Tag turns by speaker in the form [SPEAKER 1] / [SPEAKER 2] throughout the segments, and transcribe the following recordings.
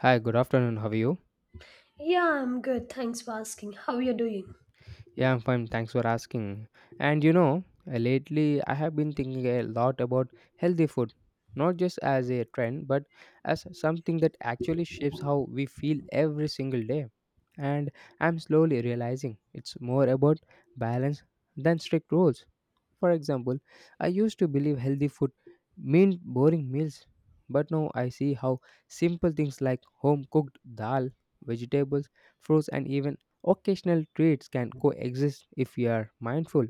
[SPEAKER 1] Hi, good afternoon. How are you?
[SPEAKER 2] Yeah, I'm good. Thanks for asking. How you doing?
[SPEAKER 1] Yeah, I'm fine. Thanks for asking. Lately I have been thinking a lot about healthy food, not just as a trend, but as something that actually shapes how we feel every single day. And I'm slowly realizing it's more about balance than strict rules. For example, I used to believe healthy food meant boring meals, but now I see how simple things like home cooked dal, vegetables, fruits, and even occasional treats can coexist if we are mindful.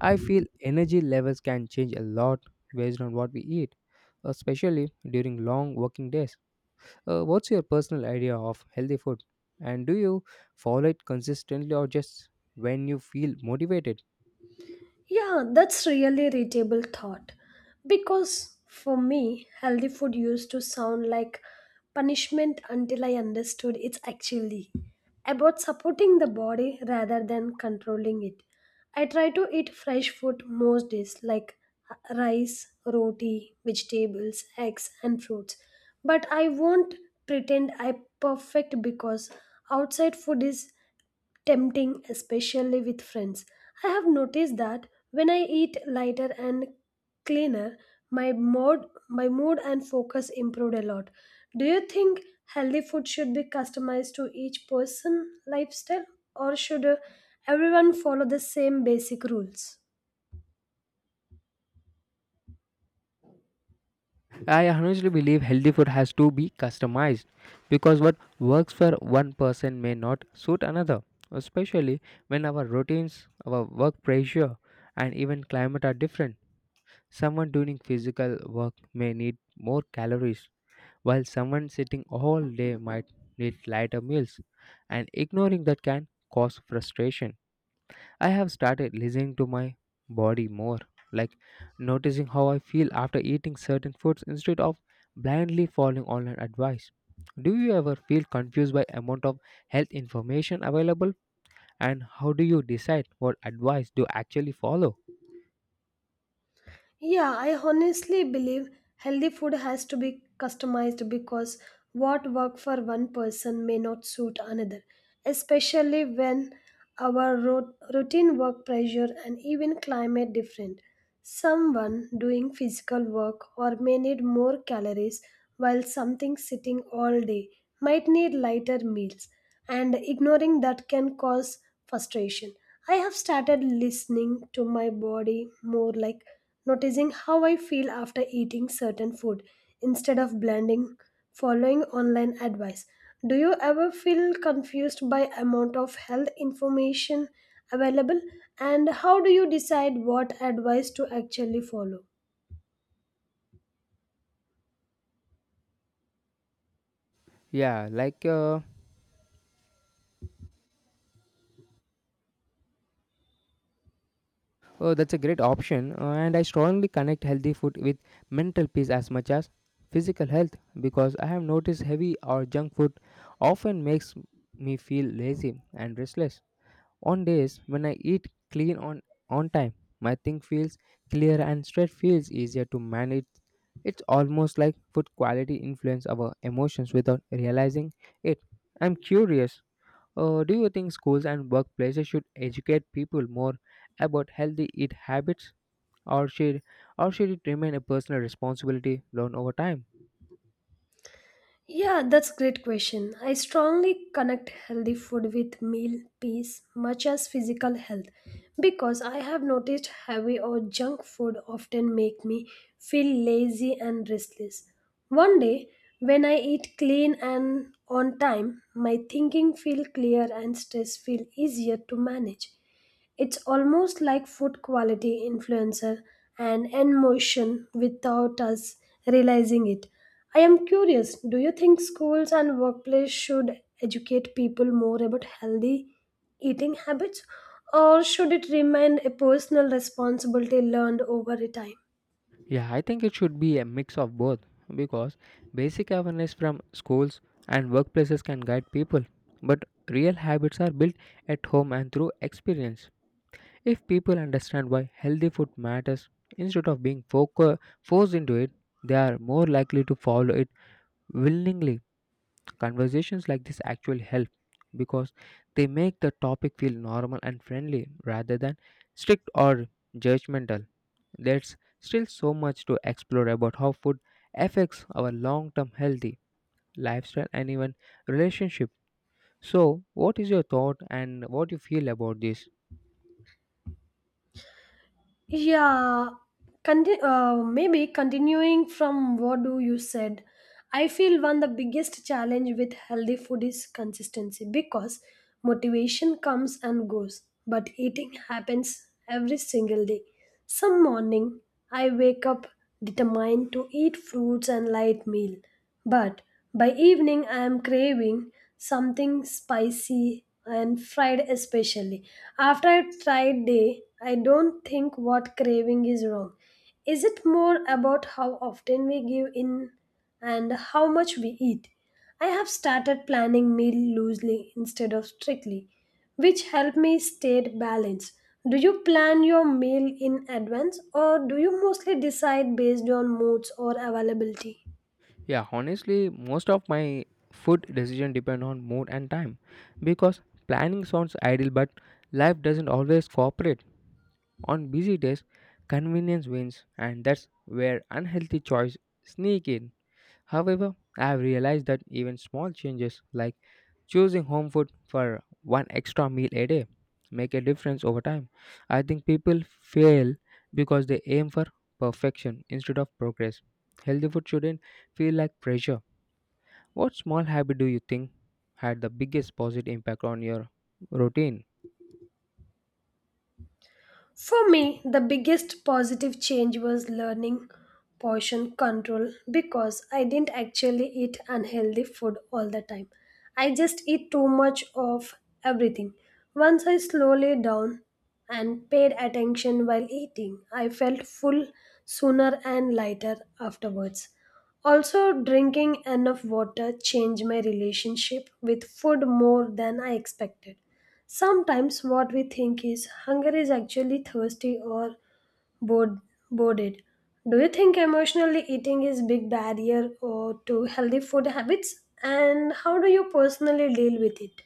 [SPEAKER 1] I feel energy levels can change a lot based on what we eat, especially during long working days. What's your personal idea of healthy food? And do you follow it consistently or just when you feel motivated?
[SPEAKER 2] Yeah, that's really readable thought. Because for me, healthy food used to sound like punishment until I understood it's actually about supporting the body rather than controlling it. I try to eat fresh food most days, like rice, roti, vegetables, eggs, and fruits. But I won't pretend I perfect because outside food is tempting, especially with friends. I have noticed that when I eat lighter and cleaner, my mood and focus improved a lot. Do you think healthy food should be customized to each person lifestyle, or should everyone follow the same basic rules?
[SPEAKER 1] I honestly believe healthy food has to be customized because what works for one person may not suit another, especially when our routines, our work pressure, and even climate are different. Someone doing physical work may need more calories, while someone sitting all day might need lighter meals, and ignoring that can cause frustration. I have started listening to my body more, like noticing how I feel after eating certain foods instead of blindly following online advice. Do you ever feel confused by amount of health information available and how do you decide what advice to actually follow?
[SPEAKER 2] Yeah, I honestly believe healthy food has to be customized because what work for one person may not suit another, especially when our routine work pressure and even climate different. Someone doing physical work or may need more calories while something sitting all day might need lighter meals and ignoring that can cause frustration. I have started listening to my body more like noticing how I feel after eating certain food instead of blending following online advice. Do you ever feel confused by amount of health information available and how do you decide what advice to actually follow?
[SPEAKER 1] Yeah, oh, that's a great option. And I strongly connect healthy food with mental peace as much as physical health because I have noticed heavy or junk food often makes me feel lazy and restless. On days when I eat clean on time, my thing feels clear and stress feels easier to manage. It's almost like food quality influence our emotions without realizing it. I'm curious. Do you think schools and workplaces should educate people more about healthy eat habits, or should or should it remain a personal responsibility learned over time?
[SPEAKER 2] Yeah, that's a great question. I strongly connect healthy food with meal peace much as physical health because I have noticed heavy or junk food often make me feel lazy and restless. One day when I eat clean and on time, my thinking feel clear and stress feel easier to manage. It's almost like food quality influencer and in motion without us realizing it. I am curious, do you think schools and workplace should educate people more about healthy eating habits or should it remain a personal responsibility learned over a time?
[SPEAKER 1] Yeah, I think it should be a mix of both because basic awareness from schools and workplaces can guide people, but real habits are built at home and through experience. If people understand why healthy food matters instead of being forced into it, they are more likely to follow it willingly. Conversations like this actually help because they make the topic feel normal and friendly rather than strict or judgmental. There's still so much to explore about how food affects our long term healthy lifestyle and even relationship. So, what is your thought and what you feel about this?
[SPEAKER 2] Yeah, maybe continuing from what do you said, I feel one the biggest challenge with healthy food is consistency because motivation comes and goes, but eating happens every single day. Some morning I wake up determined to eat fruits and light meal, but by evening, I am craving something spicy and fried, especially. After a tried day, I don't think what craving is wrong. Is it more about how often we give in and how much we eat? I have started planning meal loosely instead of strictly, which help me stay balanced. Do you plan your meal in advance or do you mostly decide based on moods or availability?
[SPEAKER 1] Yeah, honestly, most of my food decision depend on mood and time because planning sounds ideal but life doesn't always cooperate. On busy days, convenience wins and that's where unhealthy choice sneak in. However, I have realized that even small changes like choosing home food for one extra meal a day make a difference over time. I think people fail because they aim for perfection instead of progress. Healthy food shouldn't feel like pressure. What small habit do you think had the biggest positive impact on your routine?
[SPEAKER 2] For me, the biggest positive change was learning portion control because I didn't actually eat unhealthy food all the time. I just eat too much of everything. Once I slowly down and paid attention while eating, I felt full sooner and lighter afterwards. Also, drinking enough water changed my relationship with food more than I expected. Sometimes what we think is hunger is actually thirsty or bored, boarded. Do you think emotionally eating is big barrier or to healthy food habits? And how do you personally deal with it?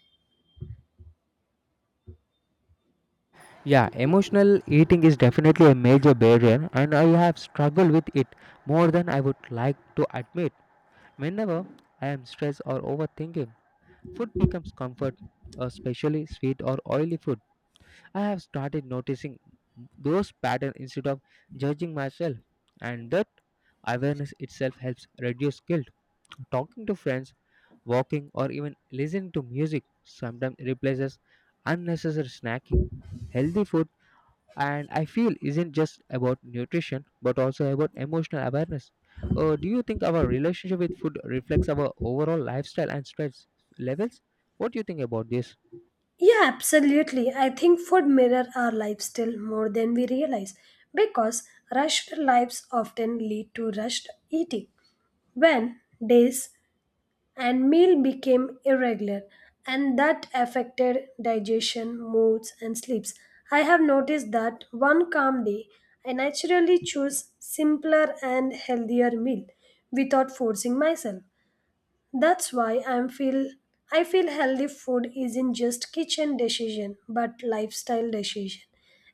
[SPEAKER 1] Yeah, emotional eating is definitely a major barrier, and I have struggled with it more than I would like to admit. Whenever I am stressed or overthinking, food becomes comfort, especially sweet or oily food. I have started noticing those patterns instead of judging myself, and that awareness itself helps reduce guilt. Talking to friends, walking, or even listening to music sometimes replaces unnecessary snacking. Healthy food and I feel isn't just about nutrition but also about emotional awareness. Do you think our relationship with food reflects our overall lifestyle and stress levels? What do you think about this?
[SPEAKER 2] Yeah, absolutely. I think food mirror our lifestyle more than we realize because rushed lives often lead to rushed eating. When days and meal became irregular and that affected digestion, moods and sleeps. I have noticed that one calm day I naturally choose simpler and healthier meal without forcing myself. That's why I feel healthy food isn't just kitchen decision but lifestyle decision.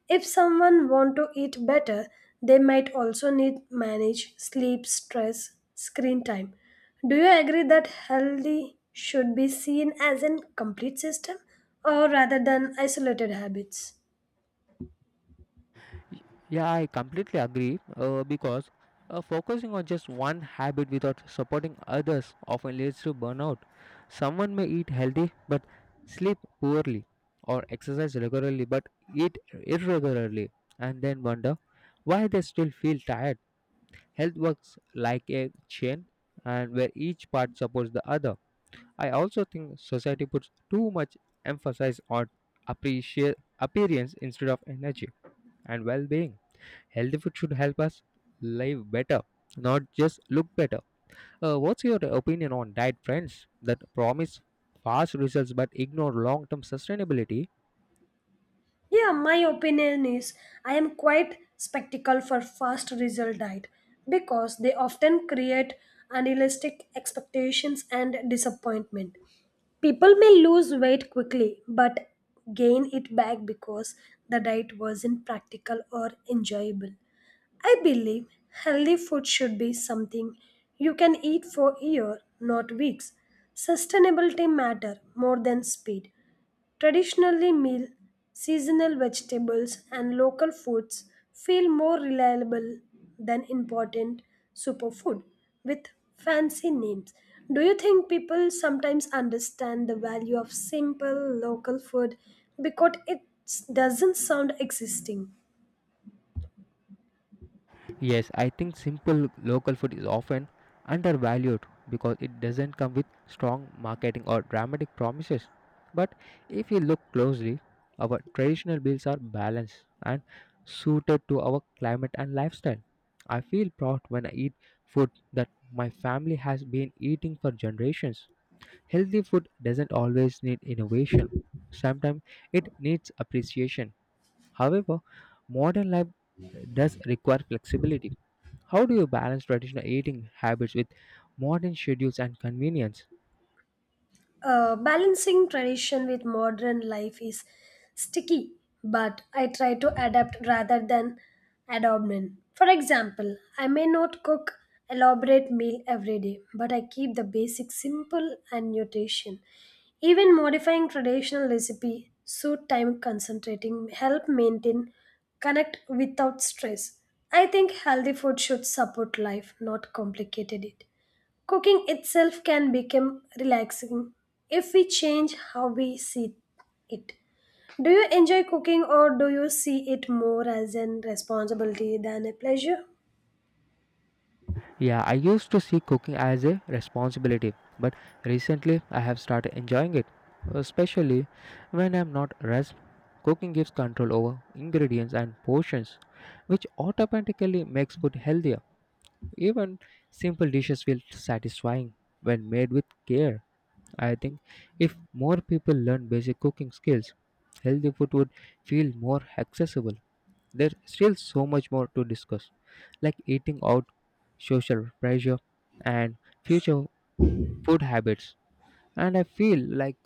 [SPEAKER 2] If someone want to eat better, they might also need manage sleep, stress, screen time. Do you agree that healthy should be seen as a complete system or rather than isolated habits?
[SPEAKER 1] Y- Yeah, I completely agree because focusing on just one habit without supporting others often leads to burnout. Someone may eat healthy but sleep poorly or exercise regularly but eat irregularly and then wonder why they still feel tired. Health works like a chain and where each part supports the other. I also think society puts too much emphasis on appreciate appearance instead of energy and well-being. Healthy food should help us live better, not just look better. What's your opinion on diet trends that promise fast results but ignore long-term sustainability?
[SPEAKER 2] Yeah, my opinion is I am quite skeptical for fast result diet because they often create unrealistic expectations and disappointment. People may lose weight quickly but gain it back because the diet wasn't practical or enjoyable. I believe healthy food should be something you can eat for year, not weeks. Sustainability matter more than speed. Traditionally, meal, seasonal vegetables, and local foods feel more reliable than important superfood with fancy names. Do you think people sometimes understand the value of simple local food because it doesn't sound existing?
[SPEAKER 1] Yes, I think simple local food is often undervalued because it doesn't come with strong marketing or dramatic promises. But if you look closely, our traditional meals are balanced and suited to our climate and lifestyle. I feel proud when I eat food that my family has been eating for generations. Healthy food doesn't always need innovation. Sometimes it needs appreciation. However, modern life does require flexibility. How do you balance traditional eating habits with modern schedules and convenience?
[SPEAKER 2] Balancing tradition with modern life is sticky, but I try to adapt rather than abandon. For example, I may not cook elaborate meal every day, but I keep the basics simple and nutrition. Even modifying traditional recipe, so time concentrating, help maintain connect without stress. I think healthy food should support life, not complicate it. Cooking itself can become relaxing if we change how we see it. Do you enjoy cooking or do you see it more as a responsibility than a pleasure?
[SPEAKER 1] Yeah, I used to see cooking as a responsibility, but recently I have started enjoying it, especially when I'm not rushed. Cooking gives control over ingredients and portions, which automatically makes food healthier. Even simple dishes feel satisfying when made with care. I think if more people learn basic cooking skills, healthy food would feel more accessible. There's still so much more to discuss, like eating out, social pressure, and future food habits. And I feel like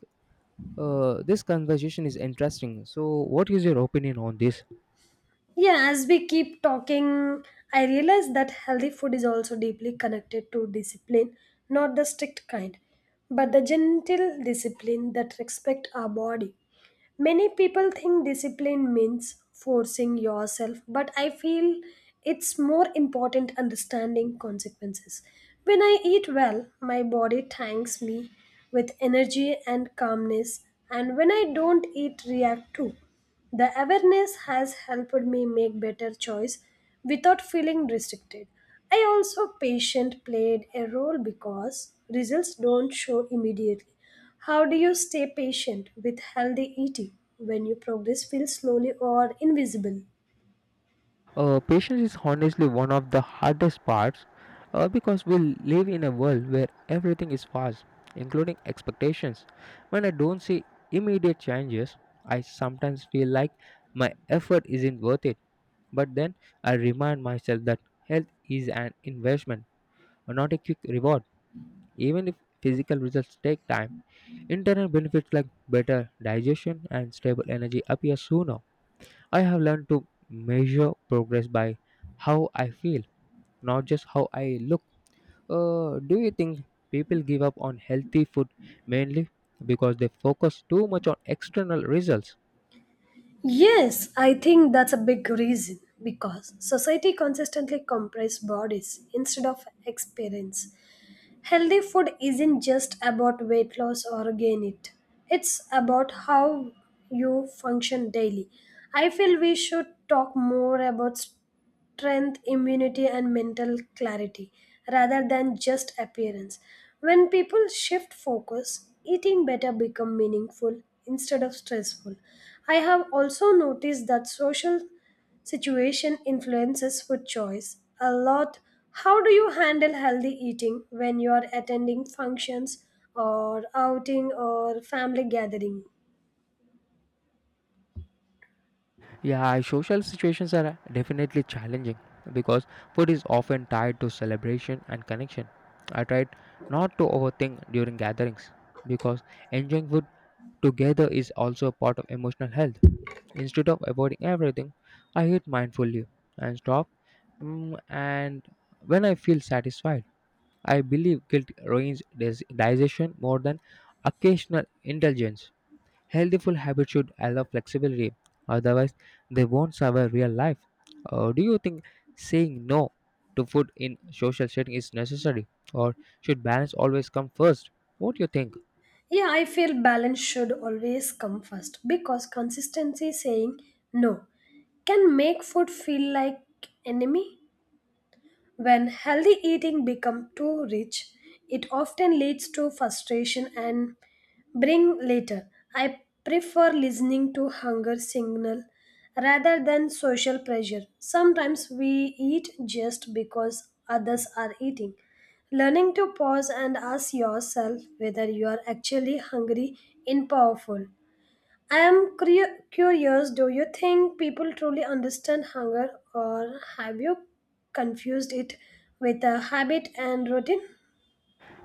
[SPEAKER 1] uh, this conversation is interesting. So, what is your opinion on this?
[SPEAKER 2] Yeah, as we keep talking, I realize that healthy food is also deeply connected to discipline, not the strict kind, but the gentle discipline that respect our body. Many people think discipline means forcing yourself, but I feel it's more important understanding consequences. When I eat well, my body thanks me with energy and calmness, and when I don't eat, react too. The awareness has helped me make better choice without feeling restricted. I also patient played a role because results don't show immediately. How do you stay patient with healthy eating when your progress feels slowly or invisible?
[SPEAKER 1] Patience is honestly one of the hardest parts because we live in a world where everything is fast, including expectations. When I don't see immediate changes, I sometimes feel like my effort isn't worth it. But then I remind myself that health is an investment, not a quick reward. Even if physical results take time, internal benefits like better digestion and stable energy appear sooner. I have learned to measure progress by how I feel not just how I look. Do you think people give up on healthy food mainly because they focus too much on external results?
[SPEAKER 2] Yes, I think that's a big reason because society consistently compresses bodies instead of experience. Healthy food isn't just about weight loss or gain it. It's about how you function daily. I feel we should talk more about strength, immunity, and mental clarity rather than just appearance. When people shift focus, eating better become meaningful instead of stressful. I have also noticed that social situation influences food choice a lot. How do you handle healthy eating when you are attending functions or outing or family gathering?
[SPEAKER 1] Yeah, social situations are definitely challenging because food is often tied to celebration and connection. I tried not to overthink during gatherings because enjoying food together is also a part of emotional health. Instead of avoiding everything, I eat mindfully and stop and when I feel satisfied. I believe guilt ruins digestion more than occasional indulgence. Healthy food habits should allow flexibility, otherwise, they won't survive real life. Do you think saying no to food in social setting is necessary, or should balance always come first? What do you think?
[SPEAKER 2] Yeah, I feel balance should always come first because consistency saying no can make food feel like enemy when healthy eating becomes too rich, it often leads to frustration and bring later. I prefer listening to hunger signal rather than social pressure. Sometimes we eat just because others are eating. Learning to pause and ask yourself whether you are actually hungry in powerful. I am curious, do you think people truly understand hunger, or have you confused it with a habit and routine?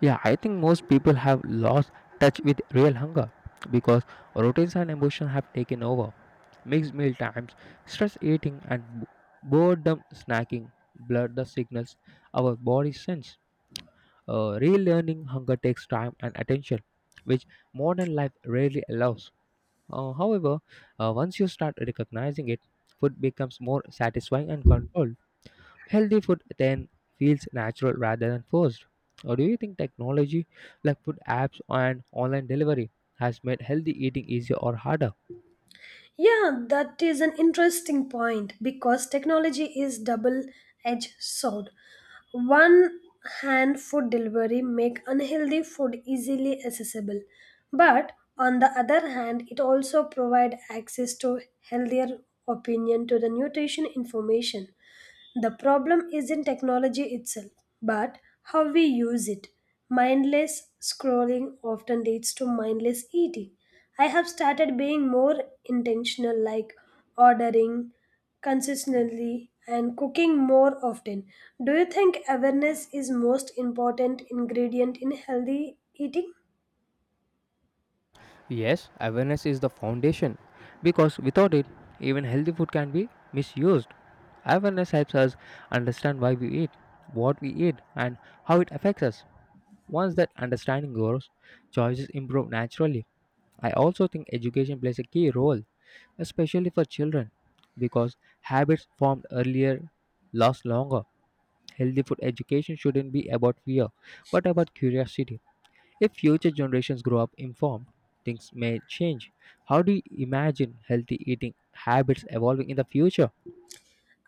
[SPEAKER 1] Yeah, I think most people have lost touch with real hunger because routines and emotion have taken over. Mixed meal times, stress eating, and boredom snacking blur the signals our body sends. Relearning hunger takes time and attention, which modern life rarely allows. However, once you start recognizing it, food becomes more satisfying and controlled. Healthy food then feels natural rather than forced. Or do you think technology like food apps and online delivery has made healthy eating easier or harder?
[SPEAKER 2] Yeah, that is an interesting point because technology is double edged sword. One hand food delivery make unhealthy food easily accessible, but on the other hand it also provide access to healthier opinion to the nutrition information. The problem isn't technology itself, but how we use it. Mindless scrolling often leads to mindless eating. I have started being more intentional, like ordering consistently and cooking more often. Do you think awareness is most important ingredient in healthy eating?
[SPEAKER 1] Yes, awareness is the foundation because without it, even healthy food can be misused. Awareness helps us understand why we eat, what we eat, and how it affects us. Once that understanding grows, choices improve naturally. I also think education plays a key role, especially for children, because habits formed earlier last longer. Healthy food education shouldn't be about fear, but about curiosity. If future generations grow up informed, things may change. How do you imagine healthy eating habits evolving in the future?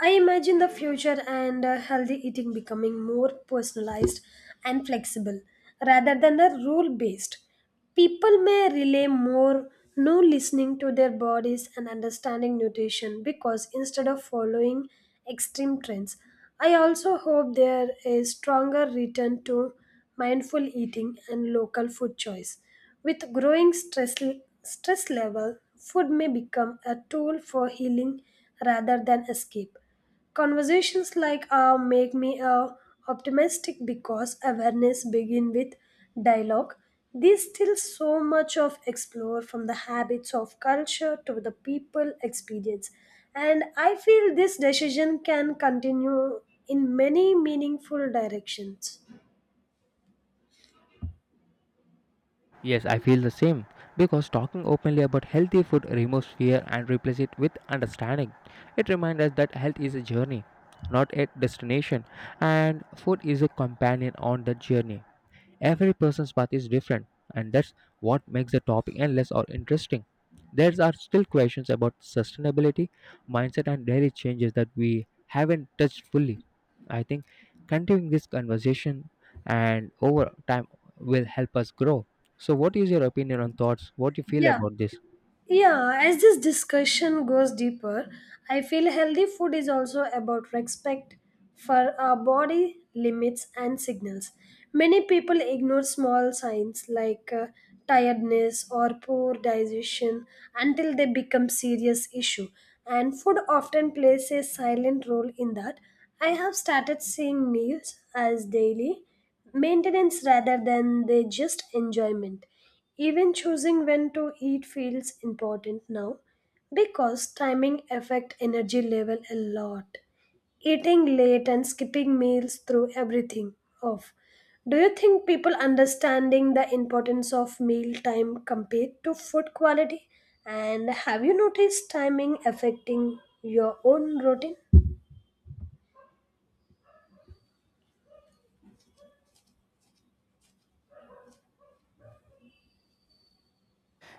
[SPEAKER 2] I imagine the future and healthy eating becoming more personalized and flexible rather than the rule based. People may rely more no listening to their bodies and understanding nutrition because instead of following extreme trends, I also hope there is stronger return to mindful eating and local food choice. With growing stress, stress level, food may become a tool for healing rather than escape. Conversations like make me optimistic because awareness begin with dialogue. There's still so much of explore from the habits of culture to the people experience. And I feel this decision can continue in many meaningful directions.
[SPEAKER 1] Yes, I feel the same because talking openly about healthy food removes fear and replaces it with understanding. It reminds us that health is a journey, not a destination, and food is a companion on that journey. Every person's path is different, and that's what makes the topic endless or interesting. There are still questions about sustainability, mindset, and daily changes that we haven't touched fully. I think continuing this conversation and over time will help us grow. So, what is your opinion on thoughts? What do you feel
[SPEAKER 2] Yeah.
[SPEAKER 1] about this?
[SPEAKER 2] Yeah, as this discussion goes deeper, I feel healthy food is also about respect for our body limits and signals. Many people ignore small signs like tiredness or poor digestion until they become serious issue and food often plays a silent role in that. I have started seeing meals as daily maintenance rather than they just enjoyment. Even choosing when to eat feels important now because timing affect energy level a lot. Eating late and skipping meals through everything off. Do you think people understanding the importance of meal time compared to food quality? And have you noticed timing affecting your own routine?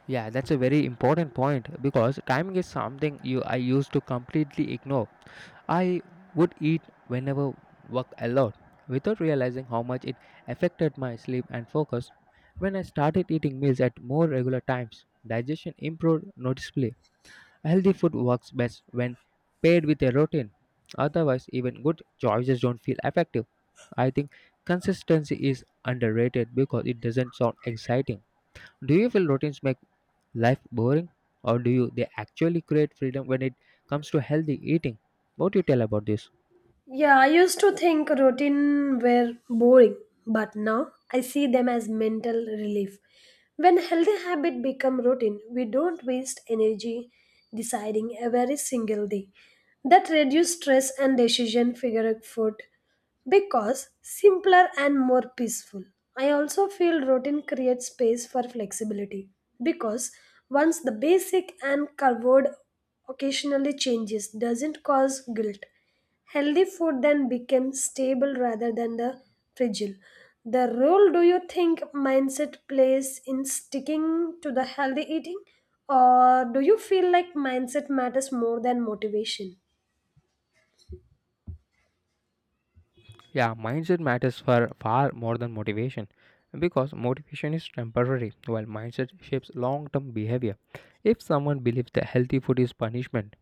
[SPEAKER 1] Yeah, that's a very important point because timing is something you I used to completely ignore. I would eat whenever work a lot without realizing how much it affected my sleep and focus. When I started eating meals at more regular times, digestion improved noticeably. Healthy food works best when paired with a routine. Otherwise, even good choices don't feel effective. I think consistency is underrated because it doesn't sound exciting. Do you feel routines make life boring or do you they actually create freedom when it comes to healthy eating, what do you tell about this?
[SPEAKER 2] Yeah, I used to think routine were boring, but now I see them as mental relief. When healthy habit become routine, we don't waste energy deciding every single day. That reduce stress and decision figure food because simpler and more peaceful. I also feel routine creates space for flexibility because once the basic and covered occasionally changes doesn't cause guilt. Healthy food then becomes stable rather than the fragile. The role do you think mindset plays in sticking to the healthy eating? Or do you feel like mindset matters more than motivation?
[SPEAKER 1] Yeah, mindset matters for far more than motivation because motivation is temporary while mindset shapes long term behavior. If someone believes that healthy food is punishment,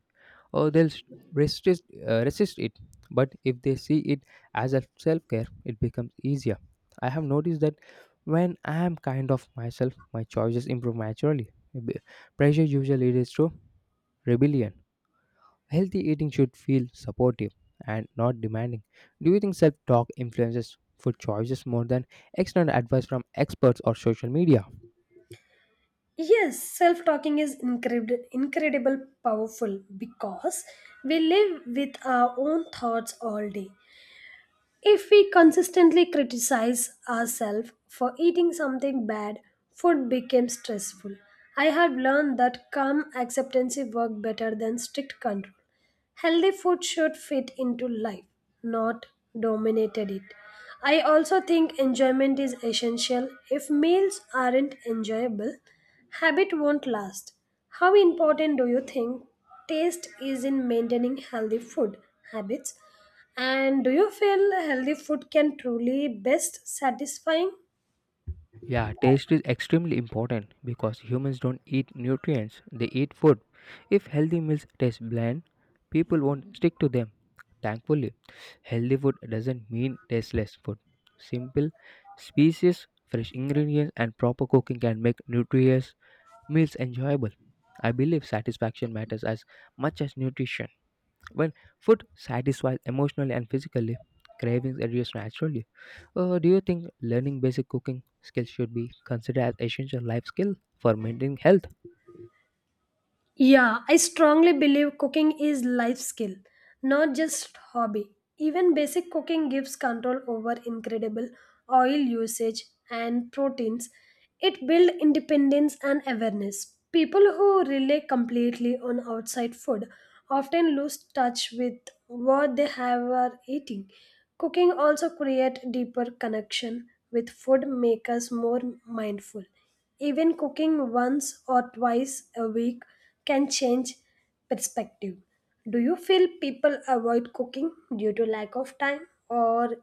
[SPEAKER 1] or they'll resist it. But if they see it as a self care, it becomes easier. I have noticed that when I am kind of myself, my choices improve naturally. B- Pressure usually leads to rebellion. Healthy eating should feel supportive and not demanding. Do you think self talk influences food choices more than external advice from experts or social media?
[SPEAKER 2] Yes, self talking is incredible powerful because we live with our own thoughts all day. If we consistently criticize ourselves for eating something bad, food becomes stressful. I have learned that calm acceptance works better than strict control. Healthy food should fit into life, not dominated it. I also think enjoyment is essential. If meals aren't enjoyable, habit won't last. How important do you think taste is in maintaining healthy food habits? And do you feel healthy food can truly best satisfying?
[SPEAKER 1] Yeah, taste is extremely important because humans don't eat nutrients, they eat food. If healthy meals taste bland, people won't stick to them. Thankfully, healthy food doesn't mean tasteless food. Simple species, fresh ingredients, and proper cooking can make nutritious meals enjoyable. I believe satisfaction matters as much as nutrition. When food satisfies emotionally and physically, cravings reduce naturally. Do you think learning basic cooking skills should be considered as essential life skill for maintaining health?
[SPEAKER 2] Yeah, I strongly believe cooking is life skill, not just hobby. Even basic cooking gives control over incredible oil usage and proteins. It builds independence and awareness. People who rely completely on outside food often lose touch with what they have are eating. Cooking also creates deeper connection with food makes us more mindful. Even cooking once or twice a week can change perspective. Do you feel people avoid cooking due to lack of time, or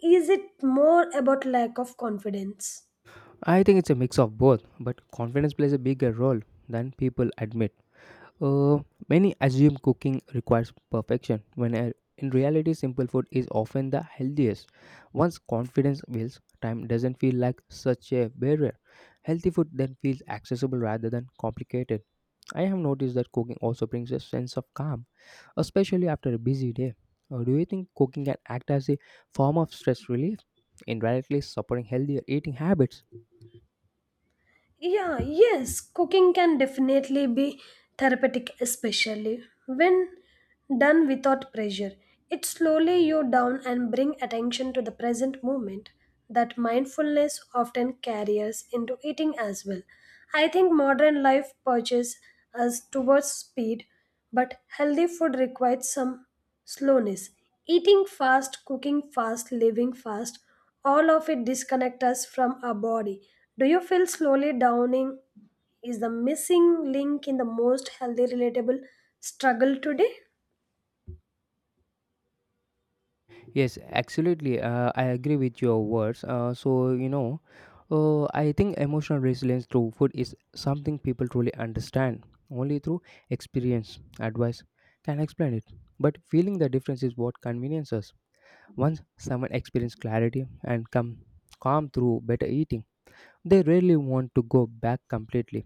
[SPEAKER 2] is it more about lack of confidence?
[SPEAKER 1] I think it's a mix of both, but confidence plays a bigger role than people admit. Uh, Many assume cooking requires perfection, when in reality, simple food is often the healthiest. Once confidence builds, time doesn't feel like such a barrier. Healthy food then feels accessible rather than complicated. I have noticed that cooking also brings a sense of calm, especially after a busy day. Do you think cooking can act as a form of stress relief, indirectly supporting healthier eating habits?
[SPEAKER 2] Yeah, Yes, cooking can definitely be therapeutic, especially when done without pressure. It slowly you down and bring attention to the present moment. That mindfulness often carries into eating as well. I think modern life purges us towards speed, but healthy food requires some slowness. Eating fast, cooking fast, living fast, all of it disconnect us from our body. Do you feel slowly downing is the missing link in the most healthy relatable struggle today?
[SPEAKER 1] Yes, absolutely. I agree with your words. So, I think emotional resilience through food is something people truly understand only through experience. Advice can explain it, but feeling the difference is what conveniences. Once someone experiences clarity and come calm through better eating they rarely want to go back completely.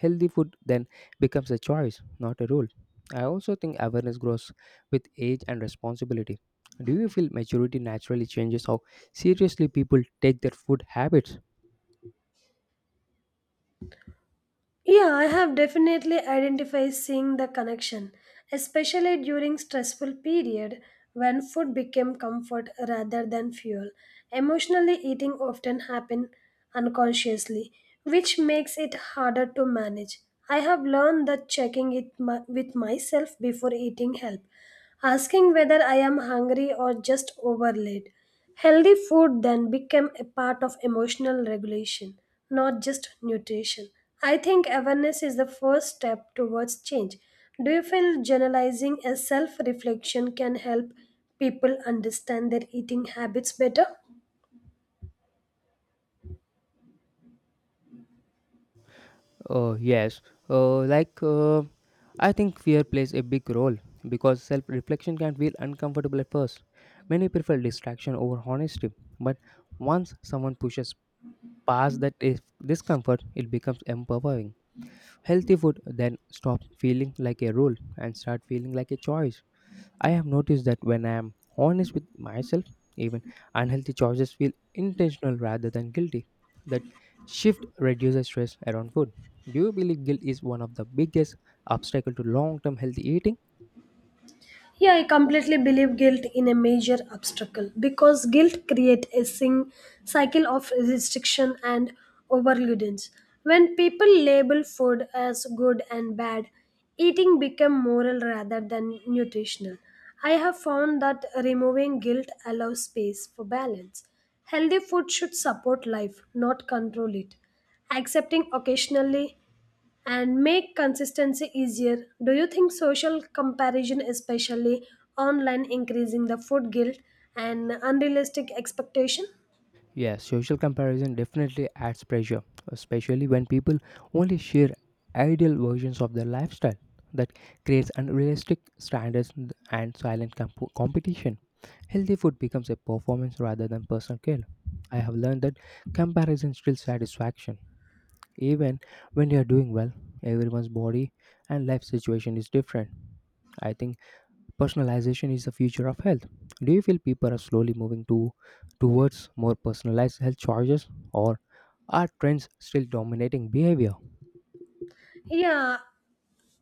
[SPEAKER 1] Healthy food then becomes a choice, not a rule. I also think awareness grows with age and responsibility. Do you feel maturity naturally changes how seriously people take their food habits?
[SPEAKER 2] Yeah, I have definitely identified seeing the connection, especially during stressful period when food became comfort rather than fuel. Emotionally eating often happen unconsciously, which makes it harder to manage. I have learned that with myself before eating help, asking whether I am hungry or just overlaid. Healthy food then became a part of emotional regulation, not just nutrition. I think awareness is the first step towards change. Do you feel journalizing as self reflection can help people understand their eating habits better?
[SPEAKER 1] Yes. Uh, like, uh, I think fear plays a big role because self reflection can feel uncomfortable at first. Many prefer distraction over honesty, but once someone pushes past that discomfort, it becomes empowering. Healthy food then stops feeling like a rule and start feeling like a choice. I have noticed that when I am honest with myself, even unhealthy choices feel intentional rather than guilty. That shift reduces stress around food. Do you believe guilt is one of the biggest obstacle to long-term healthy eating?
[SPEAKER 2] Yeah, I completely believe guilt in a major obstacle because guilt creates a cycle of restriction and overloadance. When people label food as good and bad, eating becomes moral rather than nutritional. I have found that removing guilt allows space for balance. Healthy food should support life, not control it. Accepting occasionally and make consistency easier. Do you think social comparison, especially online, increasing the food guilt and unrealistic expectation?
[SPEAKER 1] Yes, social comparison definitely adds pressure, especially when people only share ideal versions of their lifestyle. That creates unrealistic standards and silent competition. Healthy food becomes a performance rather than personal care. I have learned that comparison steals satisfaction. Even when you are doing well, everyone's body and life situation is different. I think personalization is the future of health. Do you feel people are slowly moving to towards more personalized health choices or are trends still dominating behavior?
[SPEAKER 2] Yeah,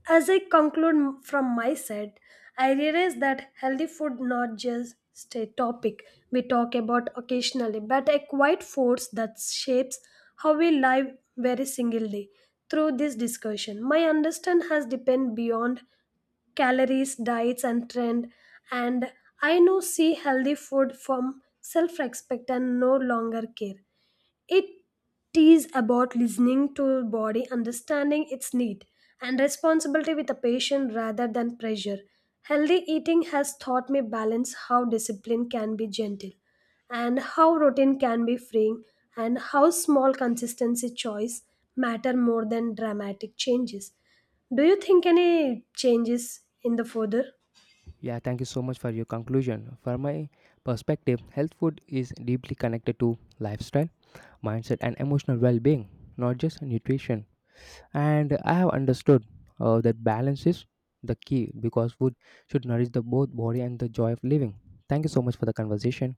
[SPEAKER 2] as I conclude from my side, I realize that healthy food not just a topic we talk about occasionally, but a quiet force that shapes how we live every single day. Through this discussion, my understand has deepened beyond calories, diets, and trend. And I now see healthy food from self respect and no longer care. It is about listening to body, understanding its need, and responsibility with a patient rather than pressure. Healthy eating has taught me balance how discipline can be gentle, and how routine can be freeing, and how small consistency choice matter more than dramatic changes. Do you think any changes in the further?
[SPEAKER 1] Yeah, thank you so much for your conclusion. For my perspective, health food is deeply connected to lifestyle mindset, and emotional well being, not just nutrition. And I have understood that balance is the key because food should nourish the both body and the joy of living. Thank you so much for the conversation.